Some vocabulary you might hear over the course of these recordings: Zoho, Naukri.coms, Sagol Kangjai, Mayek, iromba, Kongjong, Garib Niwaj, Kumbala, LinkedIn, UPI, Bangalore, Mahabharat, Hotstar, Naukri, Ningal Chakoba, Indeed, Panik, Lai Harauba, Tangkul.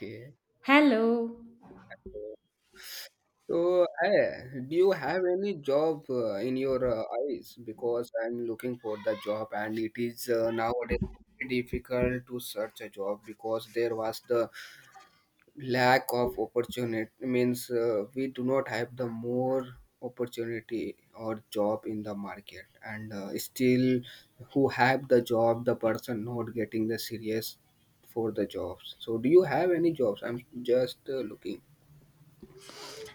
Okay. Hello. So, hey, do you have any job in your eyes? Because I'm looking for the job, and it is nowadays very difficult to search a job because there was the lack of opportunity. Means we do not have the more opportunity or job in the market, and still, who have the job, the person not getting the serious for the jobs. So, do you have any jobs? I'm just looking.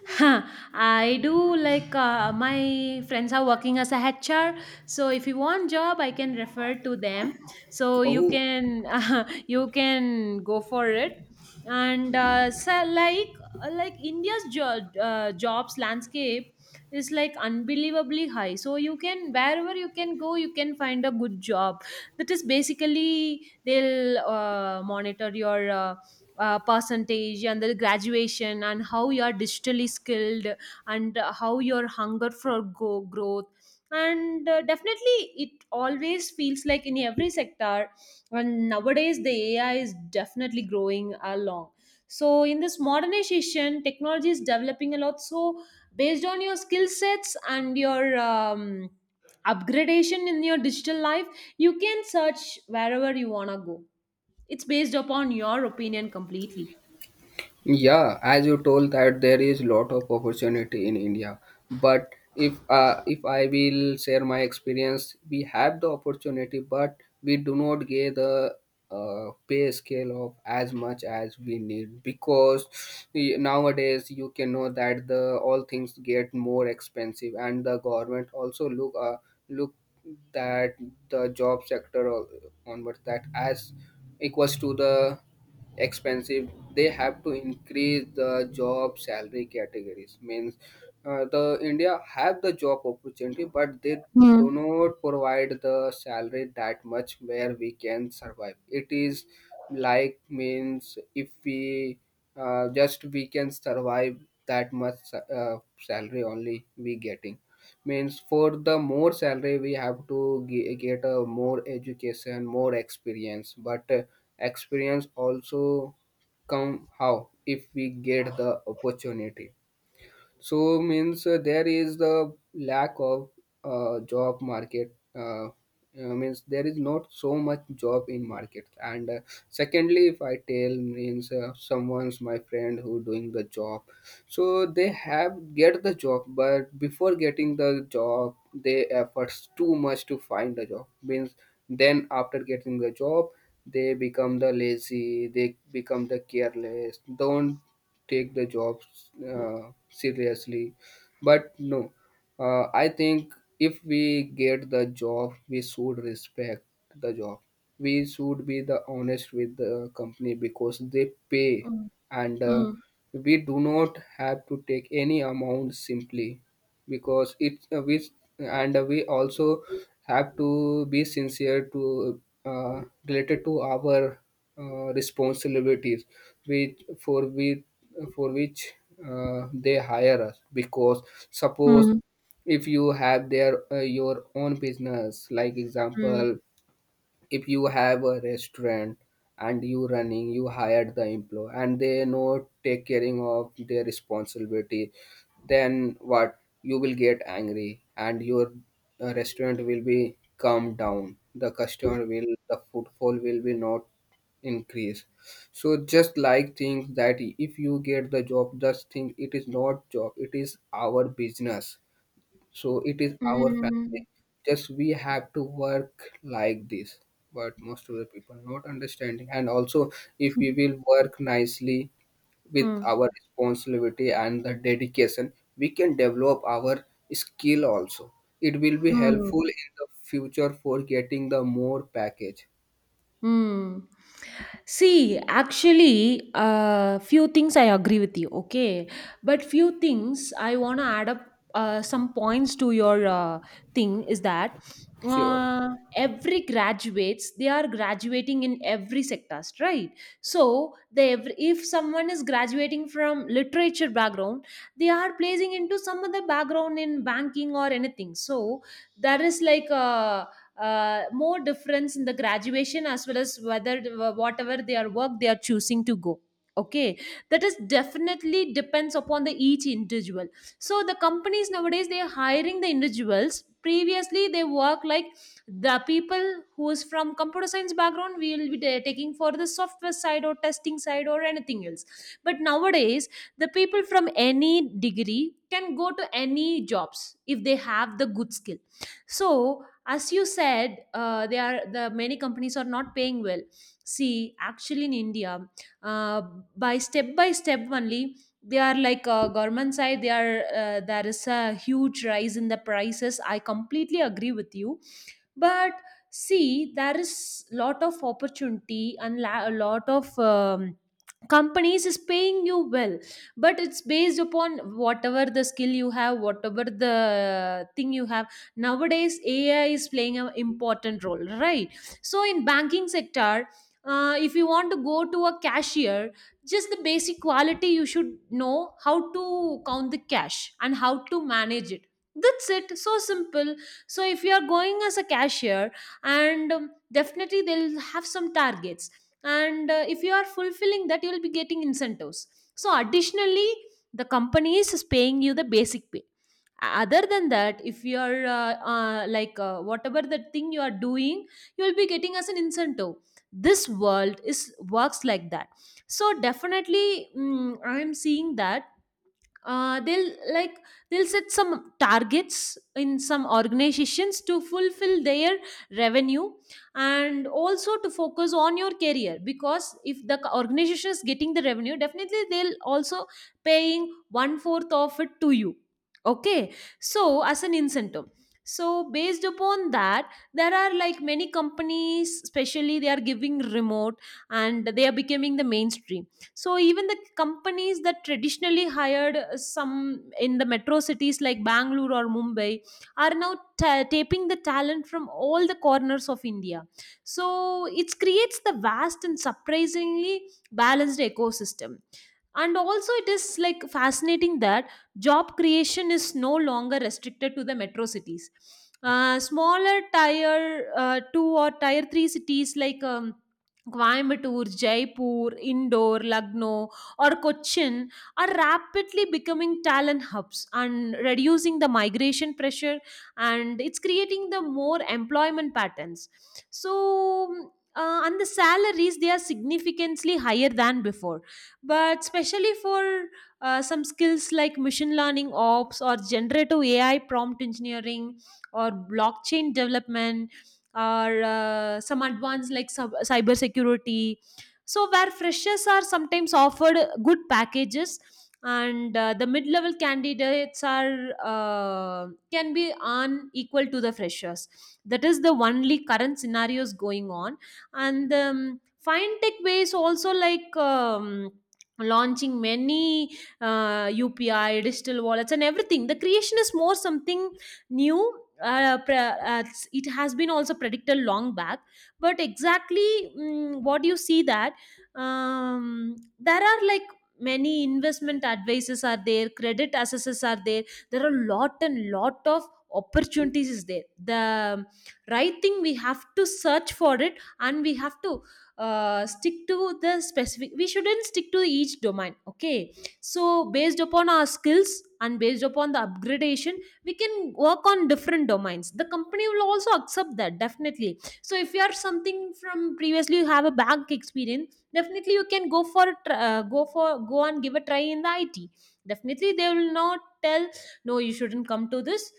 Huh, I do like my friends are working as a HR. So if you want job, I can refer to them. So you Oh, can you can go for it. And so like India's jobs landscape is like unbelievably high. So you can wherever you can go, you can find a good job. That is basically they'll monitor your percentage and the graduation, and how you are digitally skilled, and how your hunger for growth, and definitely it always feels like in every sector. And nowadays the AI is definitely growing along, so in this modernization technology is developing a lot. So based on your skill sets and your upgradation in your digital life, you can search wherever you want to go. It's based upon your opinion completely. yeah, as you told that there is lot of opportunity in India, but if I will share my experience, we have the opportunity, but we do not get the pay scale of as much as we need because nowadays you can know that the all things get more expensive, and the government also look that the job sector onwards that as equals to the expensive they have to increase the job salary categories means the india have the job opportunity but they do Mm. not provide the salary that much where we can survive. It is like means if we just we can survive that much salary only we getting. Means for the more salary, we have to get a more education, more experience. But experience also come how if we get the opportunity. So means there is the lack of job market. Means there is not so much job in market, and secondly if I tell means someone's my friend who doing the job, so they have get the job, but before getting the job they efforts too much to find the job means then after getting the job they become the lazy, they become the careless, don't take the jobs seriously. But no, I think if we get the job, we should respect the job. We should be the honest with the company because they pay, Mm. and Mm. we do not have to take any amount simply because it we, and we also have to be sincere to related to our responsibilities which for we for which they hire us because suppose Mm. if you have their your own business, like Mm. example, if you have a restaurant and you running you hire the employee and they know take caring of their responsibility, then what you will get angry and your restaurant will be calmed down, the customer will, the footfall will be not increase. So just like think that if you get the job, just think it is not job, it is our business, so it is our family. Mm. Just we have to work like this. But most of the people not understanding. And also, if we will work nicely with our Mm. responsibility and the dedication, we can develop our skill also. It will be Mm. helpful in the future for getting the more package. Hmm. See, actually, few things I agree with you, okay? But few things I want to add up some points to your thing is that Sure. uh, every graduates, they are graduating in every sectors, right? So, if someone is graduating from literature background, they are placing into some other background in banking or anything. So, there is like a more difference in the graduation, as well as whether whatever their work they are choosing to go, okay. That is definitely depends upon the each individual. So the companies nowadays they are hiring the individuals. Previously they work like the people who is from computer science background, we will be taking for the software side or testing side or anything else. But nowadays the people from any degree can go to any jobs if they have the good skill. So as you said, they are the many companies are not paying well. See, actually in india, uh, by step only they are like, government side, they are, there is a huge rise in the prices, I completely agree with you. But see, there is lot of opportunity and a lot of um, companies is paying you well. But it's based upon whatever the skill you have, whatever the thing you have. Nowadays AI is playing an important role, right? So in banking sector, if you want to go to a cashier, just the basic quality you should know, how to count the cash and how to manage it. That's it, so simple. So if you are going as a cashier, and definitely they'll have some targets, and if you are fulfilling that you will be getting incentives. So additionally the company is paying you the basic pay. Other than that, if you are whatever the thing you are doing, you will be getting as an incentive. This world is works like that. So definitely I am seeing that they'll like they'll set some targets in some organizations to fulfill their revenue, and also to focus on your career. Because if the organization is getting the revenue, definitely they'll also paying one fourth of it to you, okay, so as an incentive. So based upon that, there are like many companies, especially they are giving remote, and they are becoming the mainstream. So even the companies that traditionally hired some in the metro cities like Bangalore or Mumbai are now taping the talent from all the corners of India. So it creates the vast and surprisingly balanced ecosystem. And also it is like fascinating that job creation is no longer restricted to the metro cities. Smaller tier 2 or tier 3 cities like Coimbatore, Jaipur, Indore, Lucknow, or Cochin are rapidly becoming talent hubs and reducing the migration pressure, and it's creating the more employment patterns. So, and the salaries they are significantly higher than before. But especially for some skills like machine learning ops, or generative AI prompt engineering, or blockchain development, or some advanced like cyber security. So where freshers are sometimes offered good packages, and the mid-level candidates are can be unequal to the freshers. That is the only current scenarios going on. And fintech ways also like launching many UPI, digital wallets, and everything. The creation is more something new. It has been also predicted long back, but exactly what you see that there are like many investment advices are there, credit assessors are there. There are lot and lot of opportunities is there. The right thing we have to search for it, and we have to stick to the specific. We shouldn't stick to each domain, okay? So based upon our skills and based upon the upgradation, we can work on different domains, the company will also accept that, definitely. So if you are something from previously you have a bank experience, definitely you can go for a go and give a try in the it. Definitely they will not tell no, you shouldn't come to this.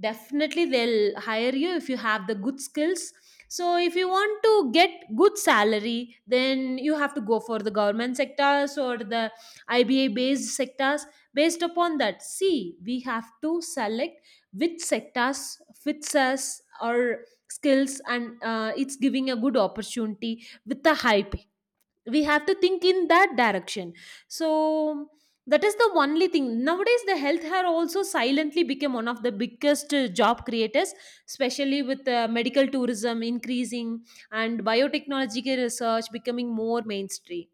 Definitely they'll hire you if you have the good skills. So if you want to get good salary, then you have to go for the government sectors, or the IBA based sectors. Based upon that, see, we have to select which sectors fits us, our skills, and it's giving a good opportunity with the high pay. We have to think in that direction. So that is the only thing. Nowadays the health care also silently became one of the biggest job creators, especially with medical tourism increasing, and biotechnological research becoming more mainstream.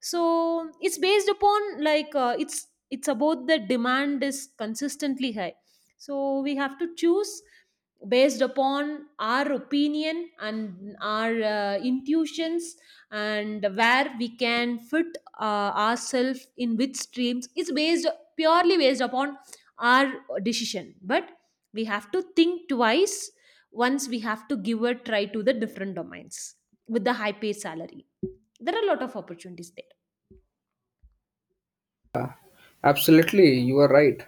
So it's based upon like it's about the demand is consistently high. So we have to choose based upon our opinion and our intuitions, and where we can fit ourselves in which streams, is based purely based upon our decision. But we have to think twice. Once we have to give a try to the different domains with the high paid salary, there are a lot of opportunities there. Absolutely, you are right.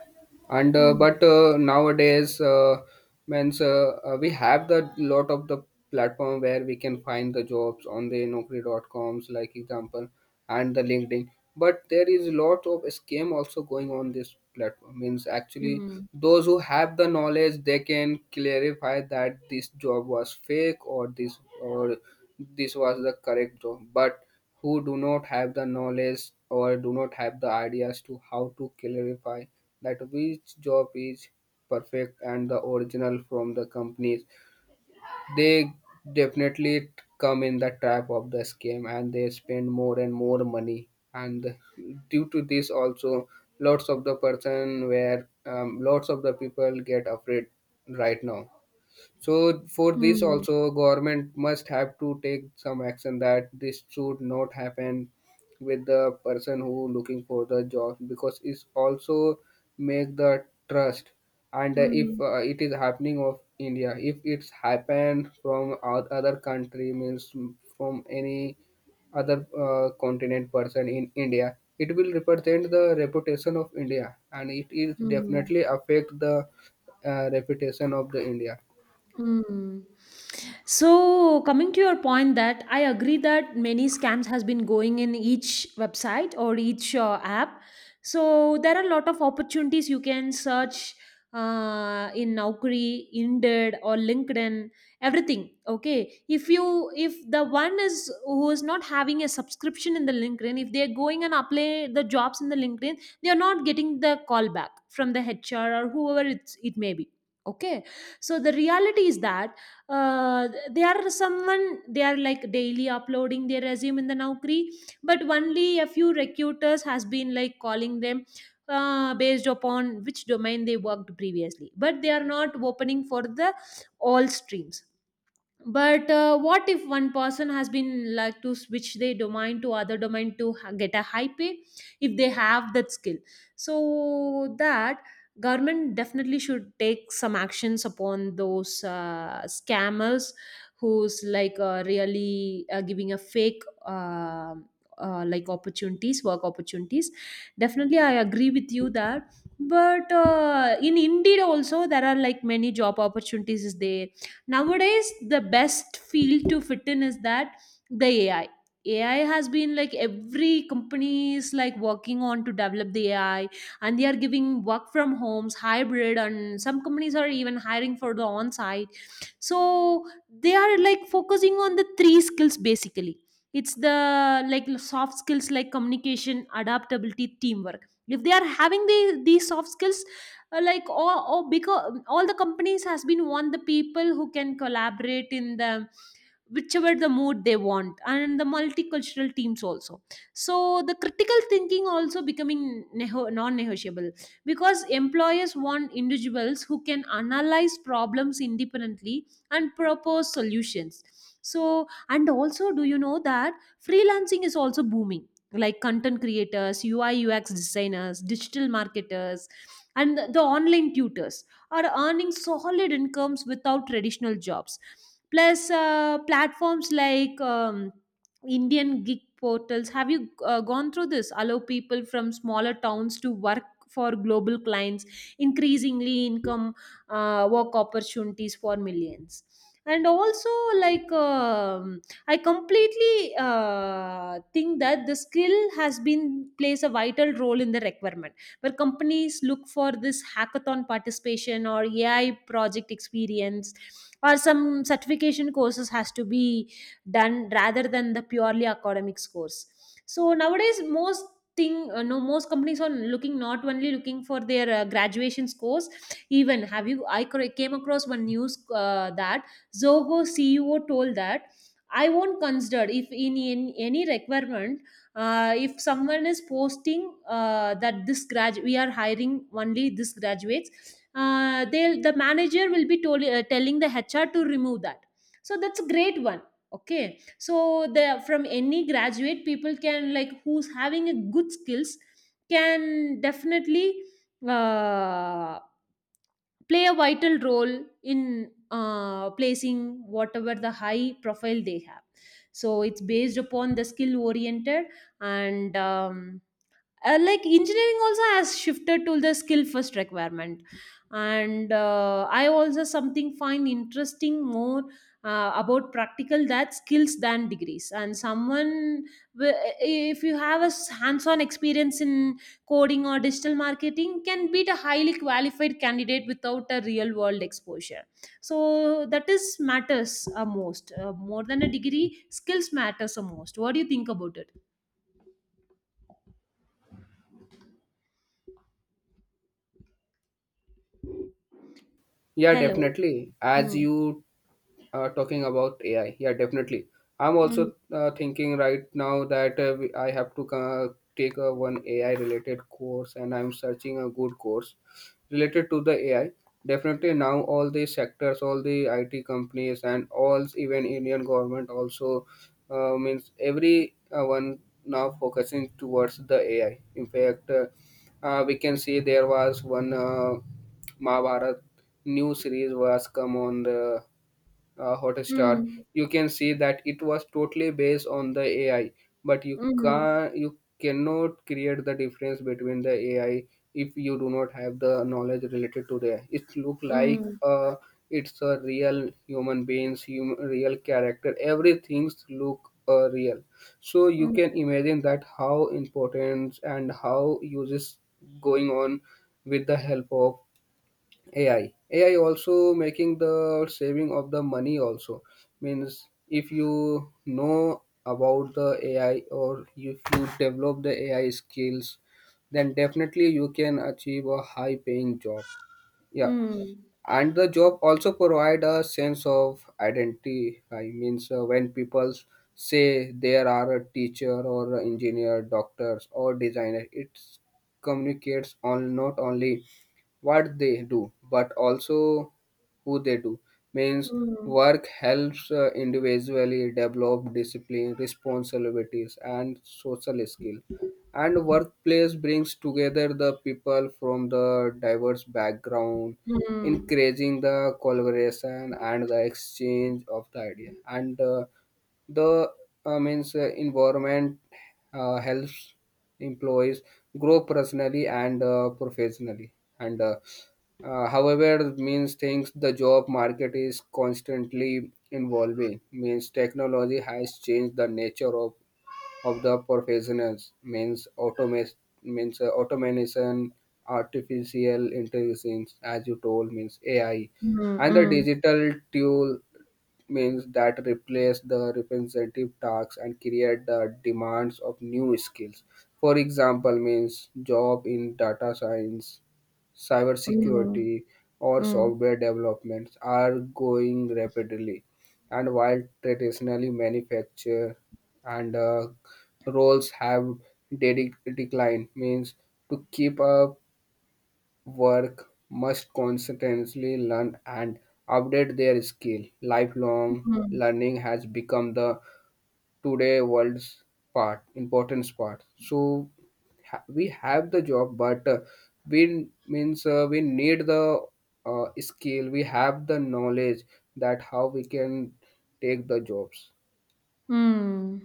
And Mm. Means we have the lot of the platform where we can find the jobs on the Naukri.coms, like example, and the LinkedIn. But there is a lot of scam also going on this platform. Means actually, Mm. those who have the knowledge, they can clarify that this job was fake or this was the correct job. But who do not have the knowledge or do not have the ideas to how to clarify that which job is perfect and the original from the companies, they definitely come in the trap of the scam and they spend more and more money. And due to this also, lots of the person where lots of the people get afraid right now. So for this Mm. also government must have to take some action that this should not happen with the person who looking for the job because it's also make the trust. And if Mm. It is happening of India, if it's happened from other country means from any other continent person in India, it will represent the reputation of India and it is Mm. definitely affect the reputation of the India. Mm. So coming to your point, that I agree that many scams has been going in each website or each app. So there are a lot of opportunities you can search in Naukri, Indeed or LinkedIn, everything. Okay. If you, if the one is who is not having a subscription in the LinkedIn, if they are going and apply the jobs in the LinkedIn, they are not getting the call back from the HR or whoever it's, it may be, okay. So the reality is that they are someone, they are like daily uploading their resume in the naukri, but only a few recruiters has been like calling them based upon which domain they worked previously, but they are not opening for the all streams. But what if one person has been like to switch their domain to other domain to get a high pay, if they have that skill. So that government definitely should take some actions upon those scammers, who's like really giving a fake like opportunities, work opportunities. Definitely I agree with you that. But in indeed also there are like many job opportunities is there. Nowadays, the best field to fit in is that the AI. AI has been like every company is like working on to develop the AI, and they are giving work from homes, hybrid, and some companies are even hiring for the on site. So they are like focusing on the three skills basically. It's the like soft skills like communication, adaptability, teamwork. If they are having the, these soft skills, or because all the companies has been want the people who can collaborate in the whichever the mood they want, and the multicultural teams also. So the critical thinking also becoming non-negotiable, because employers want individuals who can analyze problems independently and propose solutions. So and also, do you know that freelancing is also booming? Like content creators, UI UX designers, digital marketers, and the online tutors are earning solid incomes without traditional jobs. Plus platforms like indian gig portals, have you gone through this, allow people from smaller towns to work for global clients, increasingly income work opportunities for millions. And also like I completely think that the skill has been plays a vital role in the requirement, where companies look for this hackathon participation or AI project experience, or some certification courses has to be done rather than the purely academic scores. So nowadays most thing no most companies are looking, not only looking for their graduation scores. Even have you? I came across one news, that Zoho CEO told that, I won't consider if in any requirement, if someone is posting, that this grad we are hiring only this graduates, the manager will be told, telling the HR to remove that. So that's a great one. Okay. So the from any graduate people can, like, who's having a good skills can definitely uh, play a vital role in placing whatever the high profile they have. So it's based upon the skill oriented. And like engineering also has shifted to the skill first requirement. And I also something find interesting more about practical that skills than degrees. And someone, if you have a hands-on experience in coding or digital marketing, can beat a highly qualified candidate without a real world exposure. So that is matters, most, more than a degree. Skills matters the most. What do you think about it? Yeah, Hello. definitely. As Mm, you talking about AI. Yeah, definitely. I'm mm. also thinking right now that I have to take a one AI related course, and I'm searching a good course related to the AI. Definitely now all the sectors, all the IT companies, and all even Indian government also means every one now focusing towards the AI. In fact, we can see there was one Mahabharat new series was come on the Hotstar, Mm, you can see that it was totally based on the AI. But mm, you cannot create the difference between the AI if you do not have the knowledge related to the. It look like mm, it's a real human beings, real character. Everything's look real. So you mm, can imagine that how important and how uses going on with the help of AI. AI also making the saving of the money also means if you know about the AI or if you develop the AI skills, then definitely you can achieve a high paying job. Yeah, mm, and the job also provide a sense of identity. I means when people say there are a teacher or a engineer doctors or designer, it communicates on not only what they do, but also who they do means mm, work helps individually develop discipline responsibilities and social skill. And workplace brings together the people from the diverse background, mm, mm, encouraging the collaboration and the exchange of the idea. And the means environment helps employees grow personally and professionally. And however means things the job market is constantly evolving means technology has changed the nature of the professionals means automation means automation, artificial intelligence, as you told means ai, and the mm, digital tool means that replace the representative tasks and create the demands of new skills. For example, means job in data science, mm, cybersecurity, or mm. software developments are going rapidly. And while traditionally manufacture and roles have declined means to keep up work must constantly learn and update their skill. Mm, Lifelong mm. learning has become the today world's part importance part. So we have the job, but we means we need the skill, we have the knowledge that how we can take the jobs. Hmm.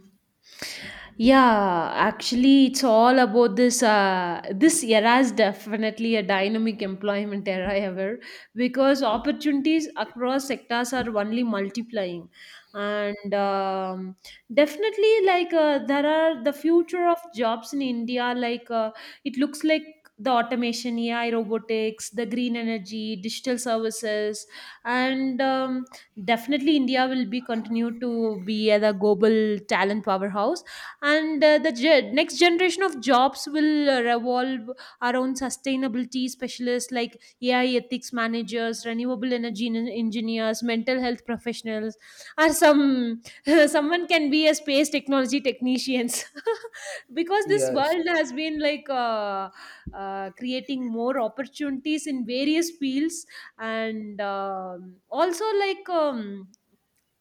Yeah, actually, it's all about this. This era is definitely a dynamic employment era ever, because opportunities across sectors are only multiplying. And definitely, like, there are the future of jobs in India. Like, it looks like the automation, AI, robotics, the green energy, digital services. And definitely India will be continued to be as a global talent powerhouse, and the next generation of jobs will revolve around sustainability specialists like AI ethics managers, renewable energy engineers, mental health professionals, or some someone can be a space technology technicians because this Yes. world has been like, creating more opportunities in various fields. And also, like,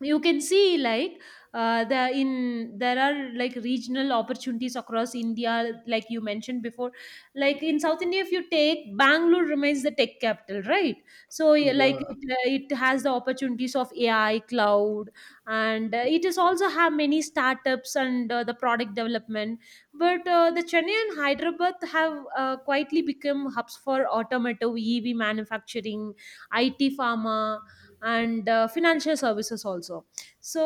you can see, like, the in there are like regional opportunities across India, like you mentioned before. Like in South India, if you take Bangalore remains the tech capital, right? So yeah, like Yeah. it has the opportunities of AI, cloud, and it is also have many startups and the product development. But the Chennai and Hyderabad have quietly become hubs for automotive EV manufacturing, IT pharma, and financial services also. So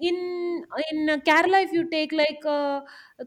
in Kerala, if you take, like,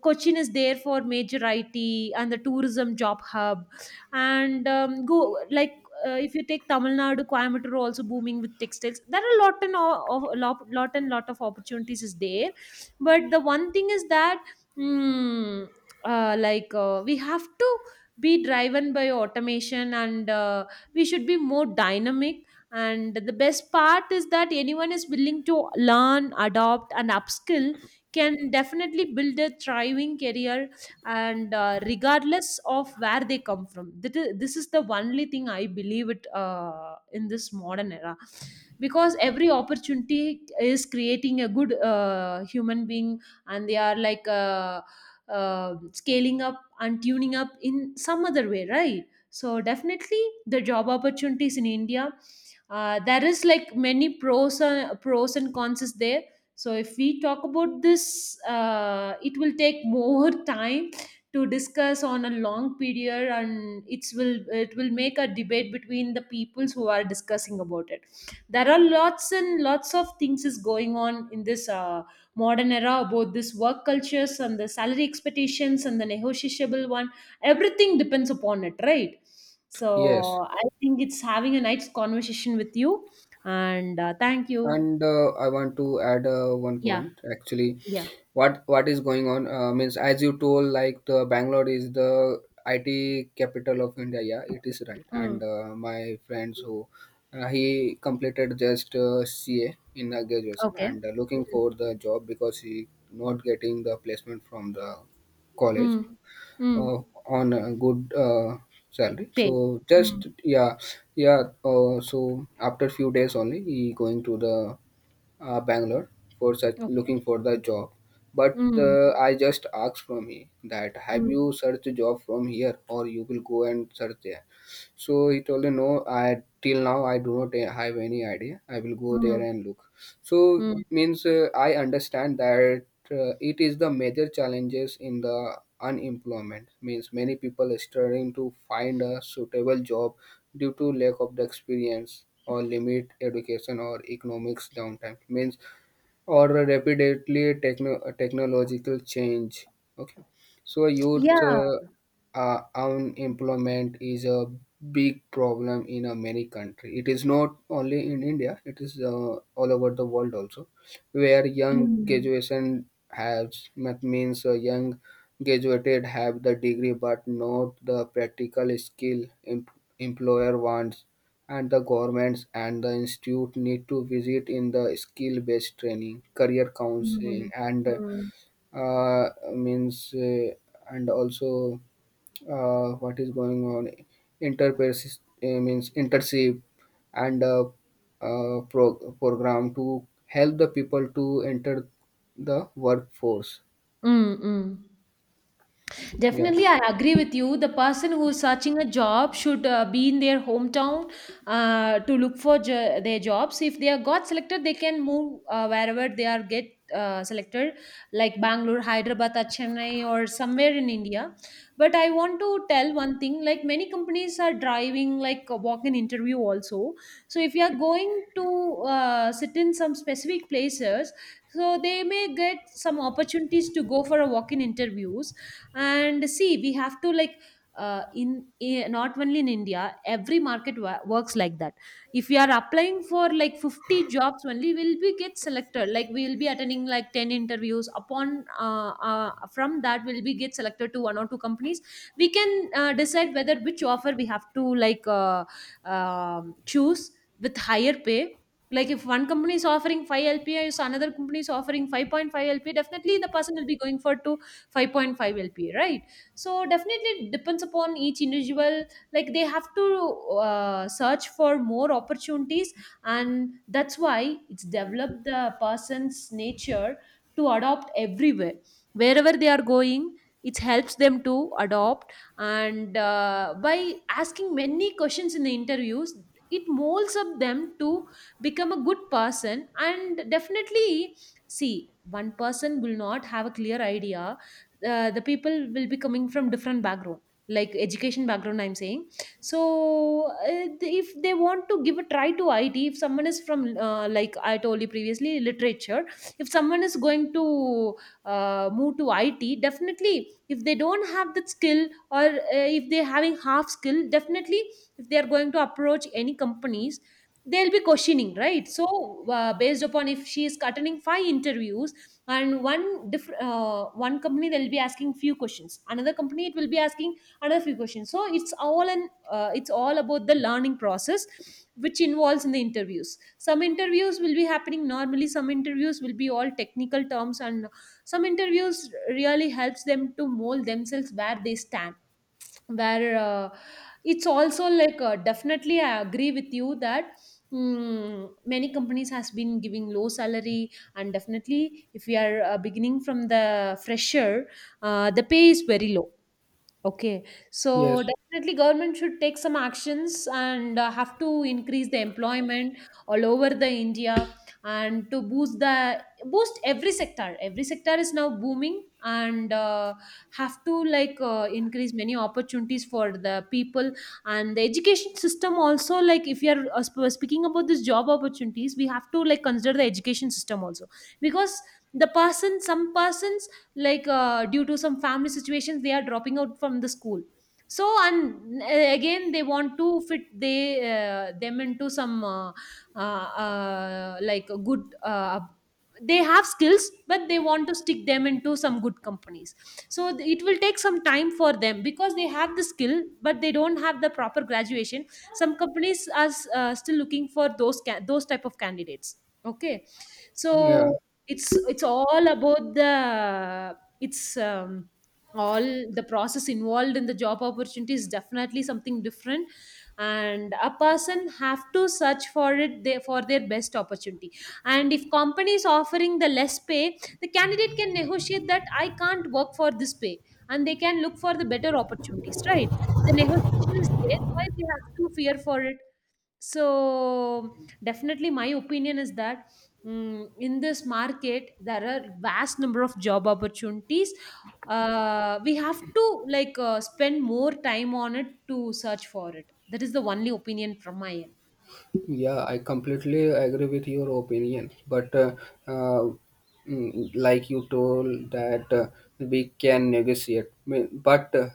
Cochin is there for major IT and the tourism job hub. And go, like, if you take Tamil Nadu, Coimbatore also booming with textiles. There are a lot and of lot, lot and lot of opportunities is there, but the one thing is that, mm, like, we have to be driven by automation, and we should be more dynamic. And the best part is that anyone is willing to learn, adopt and upskill can definitely build a thriving career, and regardless of where they come from. That is This is the only thing I believe it, in this modern era, because every opportunity is creating a good, human being, and they are, like, scaling up and tuning up in some other way, right? So definitely the job opportunities in India, there is, like, many pros and cons is there. So if we talk about this, it will take more time to discuss on a long period, and it will make a debate between the peoples who are discussing about it. There are lots and lots of things is going on in this, modern era, about this work cultures and the salary expectations and the negotiable one. Everything depends upon it, right? Yes. So I think it's having a nice conversation with you, and thank you. And I want to add one Yeah, point actually. yeah. What is going on means as you told like the bangalore is the it capital of india. Yeah, it is right. And Mm. My friends who he completed just ca in a graduation Okay. and looking Mm. for the job because he not getting the placement from the college Mm. Mm. uh, on a good salary, Pay. so Mm. just. Yeah, yeah, so after few days only he going to the Bangalore for such Okay. looking for the job. But Mm. I just asked from him that have Mm. you searched a job from here or you will go and search there. So he told me no. I till now I do not have any idea. I will go there Mm. and look. So Mm. means I understand that it is the major challenges in the unemployment means many people are struggling to find a suitable job due to lack of the experience or limit education or economics downtime means or a rapidly technological change. Okay, so Yeah. youth unemployment is a big problem in a many country. It is not only in India; it is all over the world also, where young Mm. graduation has that means young graduated have the degree but not the practical skill employer wants. And the governments and the institute need to visit in the skill based training, career counseling, Mm. and Mm. Means and also what is going on, interpersist means internship and program to help the people to enter the workforce. Mm. Mm. Yeah. Definitely, I agree with you. The person who's searching a job should be in their hometown, to look for their jobs. If they are got selected, they can move, wherever they are get selected, like Bangalore, Hyderabad, or Chennai, or somewhere in India. But I want to tell one thing: like many companies are driving like a walk-in interview also. So if you are going to sit in some specific places, so they may get some opportunities to go for a walk-in interviews, and see we have to, like, not only in India, every market works like that. If we are applying for, like, 50 jobs, only will be get selected, like we will be attending, like, 10 interviews upon, from that will be get selected to one or two companies. We can decide whether which offer we have to, like, choose with higher pay. Like if one company is offering 5 LPA is another company is offering 5.5 LPA, definitely the person will be going for to 5.5 LPA, right? So definitely it depends upon each individual. Like they have to search for more opportunities, and that's why it's developed the person's nature to adopt everywhere, wherever they are going. It helps them to adopt and, by asking many questions in the interviews, it molds up them to become a good person, and definitely, see, one person will not have a clear idea. The people will be coming from different background, like education background I'm saying. So uh, if they want to give a try to it, if someone is from, like I told you previously, literature, if someone is going to move to it, definitely if they don't have that skill, or if they're having half skill, definitely if they are going to approach any companies, they'll be questioning, right? So based upon if she is attending five interviews, and one company they'll be asking few questions, another company it will be asking another few questions. So it's all about the learning process, which involves in the interviews. Some interviews will be happening normally, some interviews will be all technical terms, and some interviews really helps them to mold themselves where they stand, where, it's also, like, definitely I agree with you that, many companies has been giving low salary, and definitely if we are beginning from the fresher, the pay is very low. Okay, so Yes. definitely government should take some actions and have to increase the employment all over the India, and to boost every sector. Every sector is now booming, and have to, like, increase many opportunities for the people, and the education system also, like if you are speaking about this job opportunities, we have to like consider the education system also, because the person, some persons, like, due to some family situations, they are dropping out from the school. So and, again they want to fit they them into some, like a good, they have skills, but they want to stick them into some good companies. So it will take some time for them, because they have the skill but they don't have the proper graduation. Some companies are still looking for those those type of candidates. Okay. Yeah. So it's all about the, it's all the process involved in the job opportunity is definitely something different, and a person have to search for it, for their best opportunity. And if company is offering the less pay, the candidate can negotiate that I can't work for this pay, and they can look for the better opportunities, right? The negotiation is there, why they have to fear for it? So definitely, my opinion is that, in this market there are vast number of job opportunities. We have to, like, spend more time on it to search for it. That is the only opinion from my end. Yeah, I completely agree with your opinion, but uh, like you told that we can negotiate. But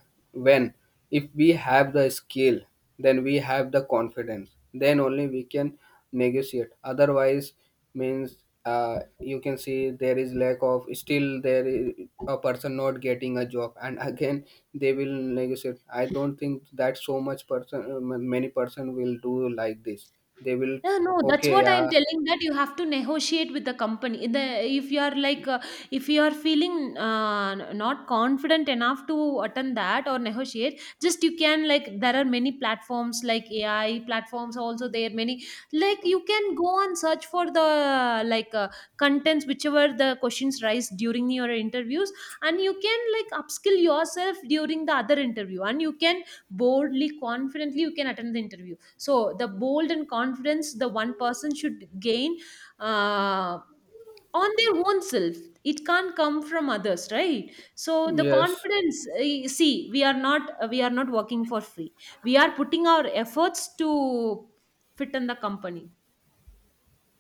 when if we have the skill, then we have the confidence, then only we can negotiate. Otherwise means you can see there is lack of still there is a person not getting a job and again they will negotiate. I don't think that so much person many person will do like this, they will. Yeah, no, that's Okay, what I'm yeah, telling that you have to negotiate with the company. The If you are, like, if you are feeling, not confident enough to attend that or negotiate, just you can, like, there are many platforms like AI platforms also, there are many, like you can go and search for the, like, contents, whichever the questions rise during your interviews, and you can, like, upskill yourself during the other interview, and you can boldly, confidently, you can attend the interview. So the bold and confidence the one person should gain, uh, on their own self. It can't come from others, right? So the yes. confidence, see, we are not working for free, we are putting our efforts to fit in the company.